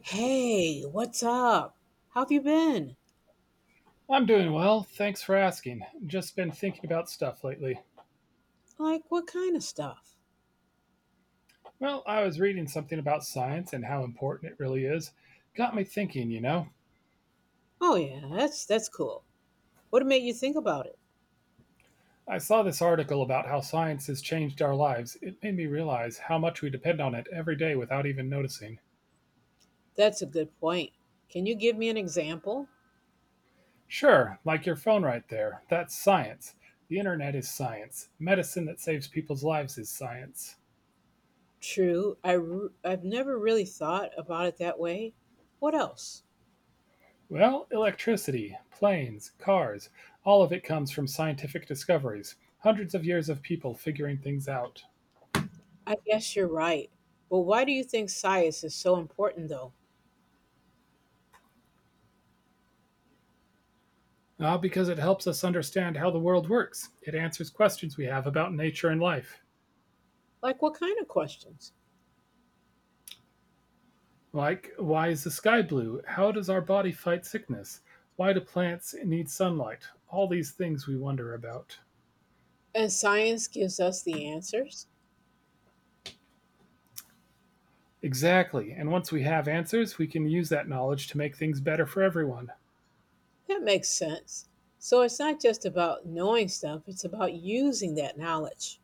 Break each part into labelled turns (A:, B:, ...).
A: Hey, what's up? How have you been?
B: I'm doing well. Thanks for asking. Just been thinking about stuff lately.
A: Like, what kind of stuff?
B: Well, I was reading something about science and how important it really is. Got me thinking, you know.
A: Oh yeah, that's cool. What made you think about it?
B: I saw this article about how science has changed our lives. It made me realize how much we depend on it every day without even noticing.
A: That's a good point. Can you give me an example?
B: Sure, like your phone right there. That's science. The internet is science. Medicine that saves people's lives is science.
A: True, I've never really thought about it that way. What else?
B: Well, electricity, planes, cars, all of it comes from scientific discoveries, hundreds of years of people figuring things out.
A: I guess you're right. But why do you think science is so important though?
B: Ah, because it helps us understand how the world works. It answers questions we have about nature and life.
A: Like what kind of questions?
B: Like, why is the sky blue? How does our body fight sickness? Why do plants need sunlight? All these things we wonder about.
A: And science gives us the answers?
B: Exactly, and once we have answers, we can use that knowledge to make things better for everyone.
A: That makes sense. So it's not just about knowing stuff, it's about using that knowledge.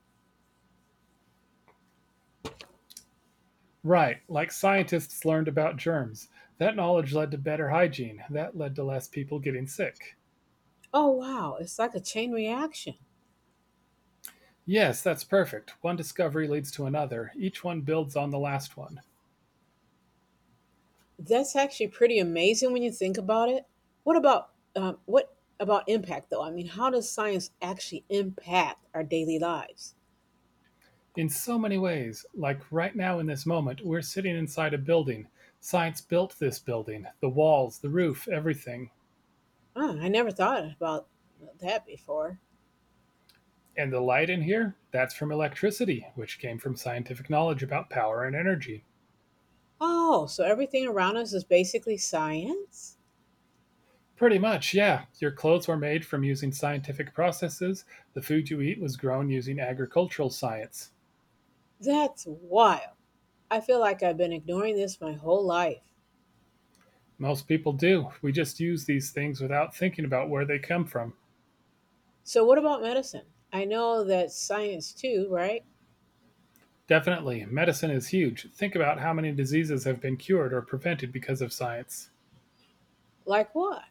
B: Right, like scientists learned about germs. That knowledge led to better hygiene. That led to less people getting sick.
A: Oh, wow. It's like a chain reaction.
B: Yes, that's perfect. One discovery leads to another. Each one builds on the last one.
A: That's actually pretty amazing when you think about it. What about impact though? I mean, how does science actually impact our daily lives?
B: In so many ways, like right now in this moment, we're sitting inside a building. Science built this building, the walls, the roof, everything.
A: Oh, I never thought about that before.
B: And the light in here? That's from electricity, which came from scientific knowledge about power and energy.
A: Oh, so everything around us is basically science?
B: Pretty much, yeah. Your clothes were made from using scientific processes. The food you eat was grown using agricultural science.
A: That's wild. I feel like I've been ignoring this my whole life.
B: Most people do. We just use these things without thinking about where they come from.
A: So what about medicine? I know that's science too, right?
B: Definitely, medicine is huge. Think about how many diseases have been cured or prevented because of science.
A: Like what?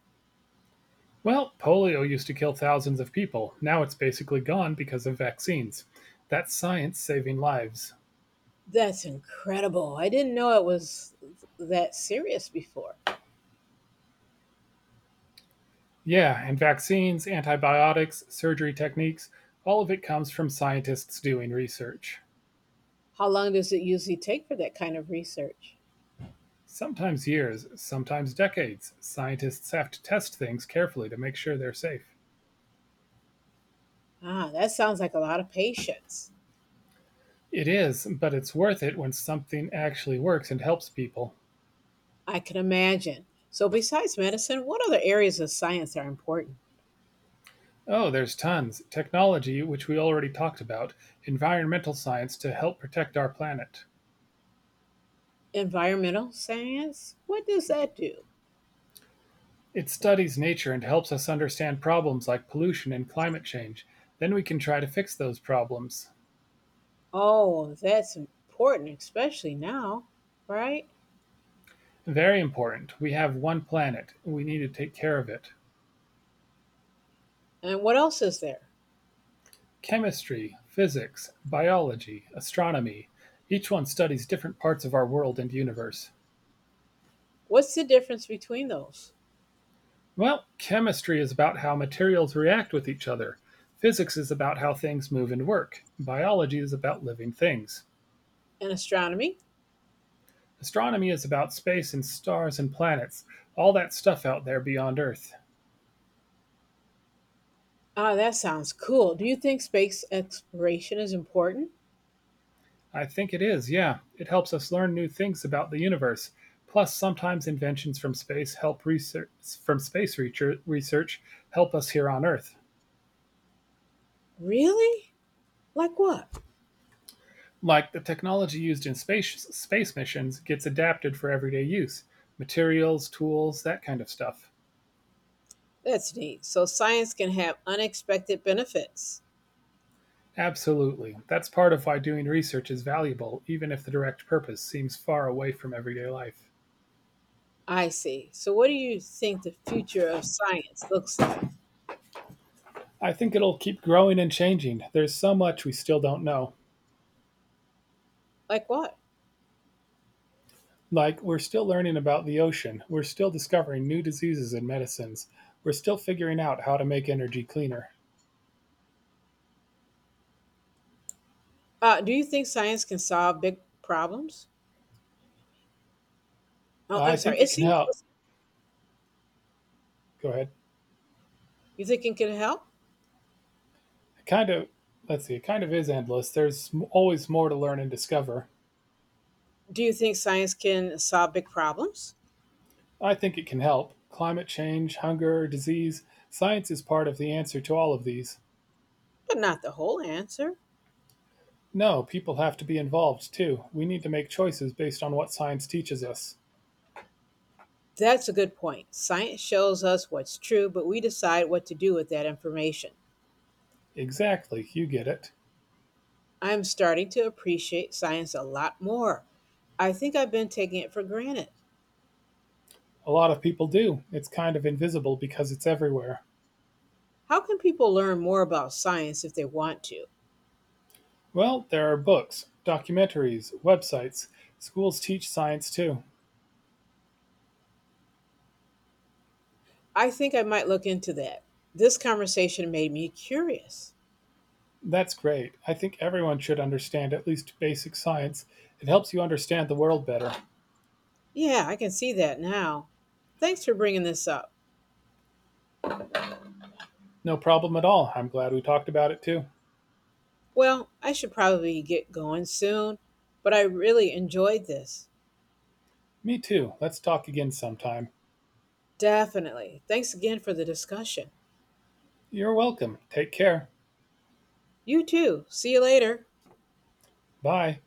B: Well, polio used to kill thousands of people. Now it's basically gone because of vaccines. That's science saving lives.
A: That's incredible. I didn't know it was that serious before.
B: Yeah, and vaccines, antibiotics, surgery techniques, all of it comes from scientists doing research.
A: How long does it usually take for that kind of research?
B: Sometimes years, sometimes decades. Scientists have to test things carefully to make sure they're safe.
A: Ah, that sounds like a lot of patience.
B: It is, but it's worth it when something actually works and helps people.
A: I can imagine. So, besides medicine, what other areas of science are important?
B: Oh, there's tons. Technology, which we already talked about, environmental science to help protect our planet.
A: Environmental science? What does that do?
B: It studies nature and helps us understand problems like pollution and climate change. Then we can try to fix those problems.
A: Oh, that's important, especially now, right?
B: Very important, we have one planet, we need to take care of it.
A: And what else is there?
B: Chemistry, physics, biology, astronomy, each one studies different parts of our world and universe.
A: What's the difference between those?
B: Well, chemistry is about how materials react with each other. Physics is about how things move and work. Biology is about living things.
A: And astronomy?
B: Astronomy is about space and stars and planets, all that stuff out there beyond Earth.
A: Ah, that sounds cool. Do you think space exploration is important?
B: I think it is, yeah. It helps us learn new things about the universe. Plus, sometimes inventions from space from space research help us here on Earth.
A: Really? Like what?
B: Like the technology used in space missions gets adapted for everyday use, materials, tools, that kind of stuff.
A: That's neat. So science can have unexpected benefits.
B: Absolutely. That's part of why doing research is valuable, even if the direct purpose seems far away from everyday life.
A: I see. So what do you think the future of science looks like?
B: I think it'll keep growing and changing. There's so much we still don't know.
A: Like what?
B: Like we're still learning about the ocean, we're still discovering new diseases and medicines, we're still figuring out how to make energy cleaner.
A: Do you think science can solve big problems? Oh, I'm
B: I
A: sorry.
B: think
A: It
B: it can
A: seems
B: help. Go ahead.
A: you think it can help?
B: Kind of. Let's see, it kind of is endless. There's always more to learn and discover.
A: Do you think science can solve big problems?
B: I think it can help. Climate change, hunger, disease. Science is part of the answer to all of these.
A: But not the whole answer.
B: No, people have to be involved too. We need to make choices based on what science teaches us.
A: That's a good point. Science shows us what's true, but we decide what to do with that information.
B: Exactly, you get it.
A: I'm starting to appreciate science a lot more. I think I've been taking it for granted.
B: A lot of people do. It's kind of invisible because it's everywhere.
A: How can people learn more about science if they want to?
B: Well, there are books, documentaries, websites. Schools teach science too.
A: I think I might look into that. This conversation made me curious.
B: That's great. I think everyone should understand at least basic science. It helps you understand the world better.
A: Yeah, I can see that now. Thanks for bringing this up.
B: No problem at all. I'm glad we talked about it too.
A: Well, I should probably get going soon, but I really enjoyed this.
B: Me too. Let's talk again sometime.
A: Definitely. Thanks again for the discussion.
B: You're welcome. Take care.
A: You too. See you later.
B: Bye.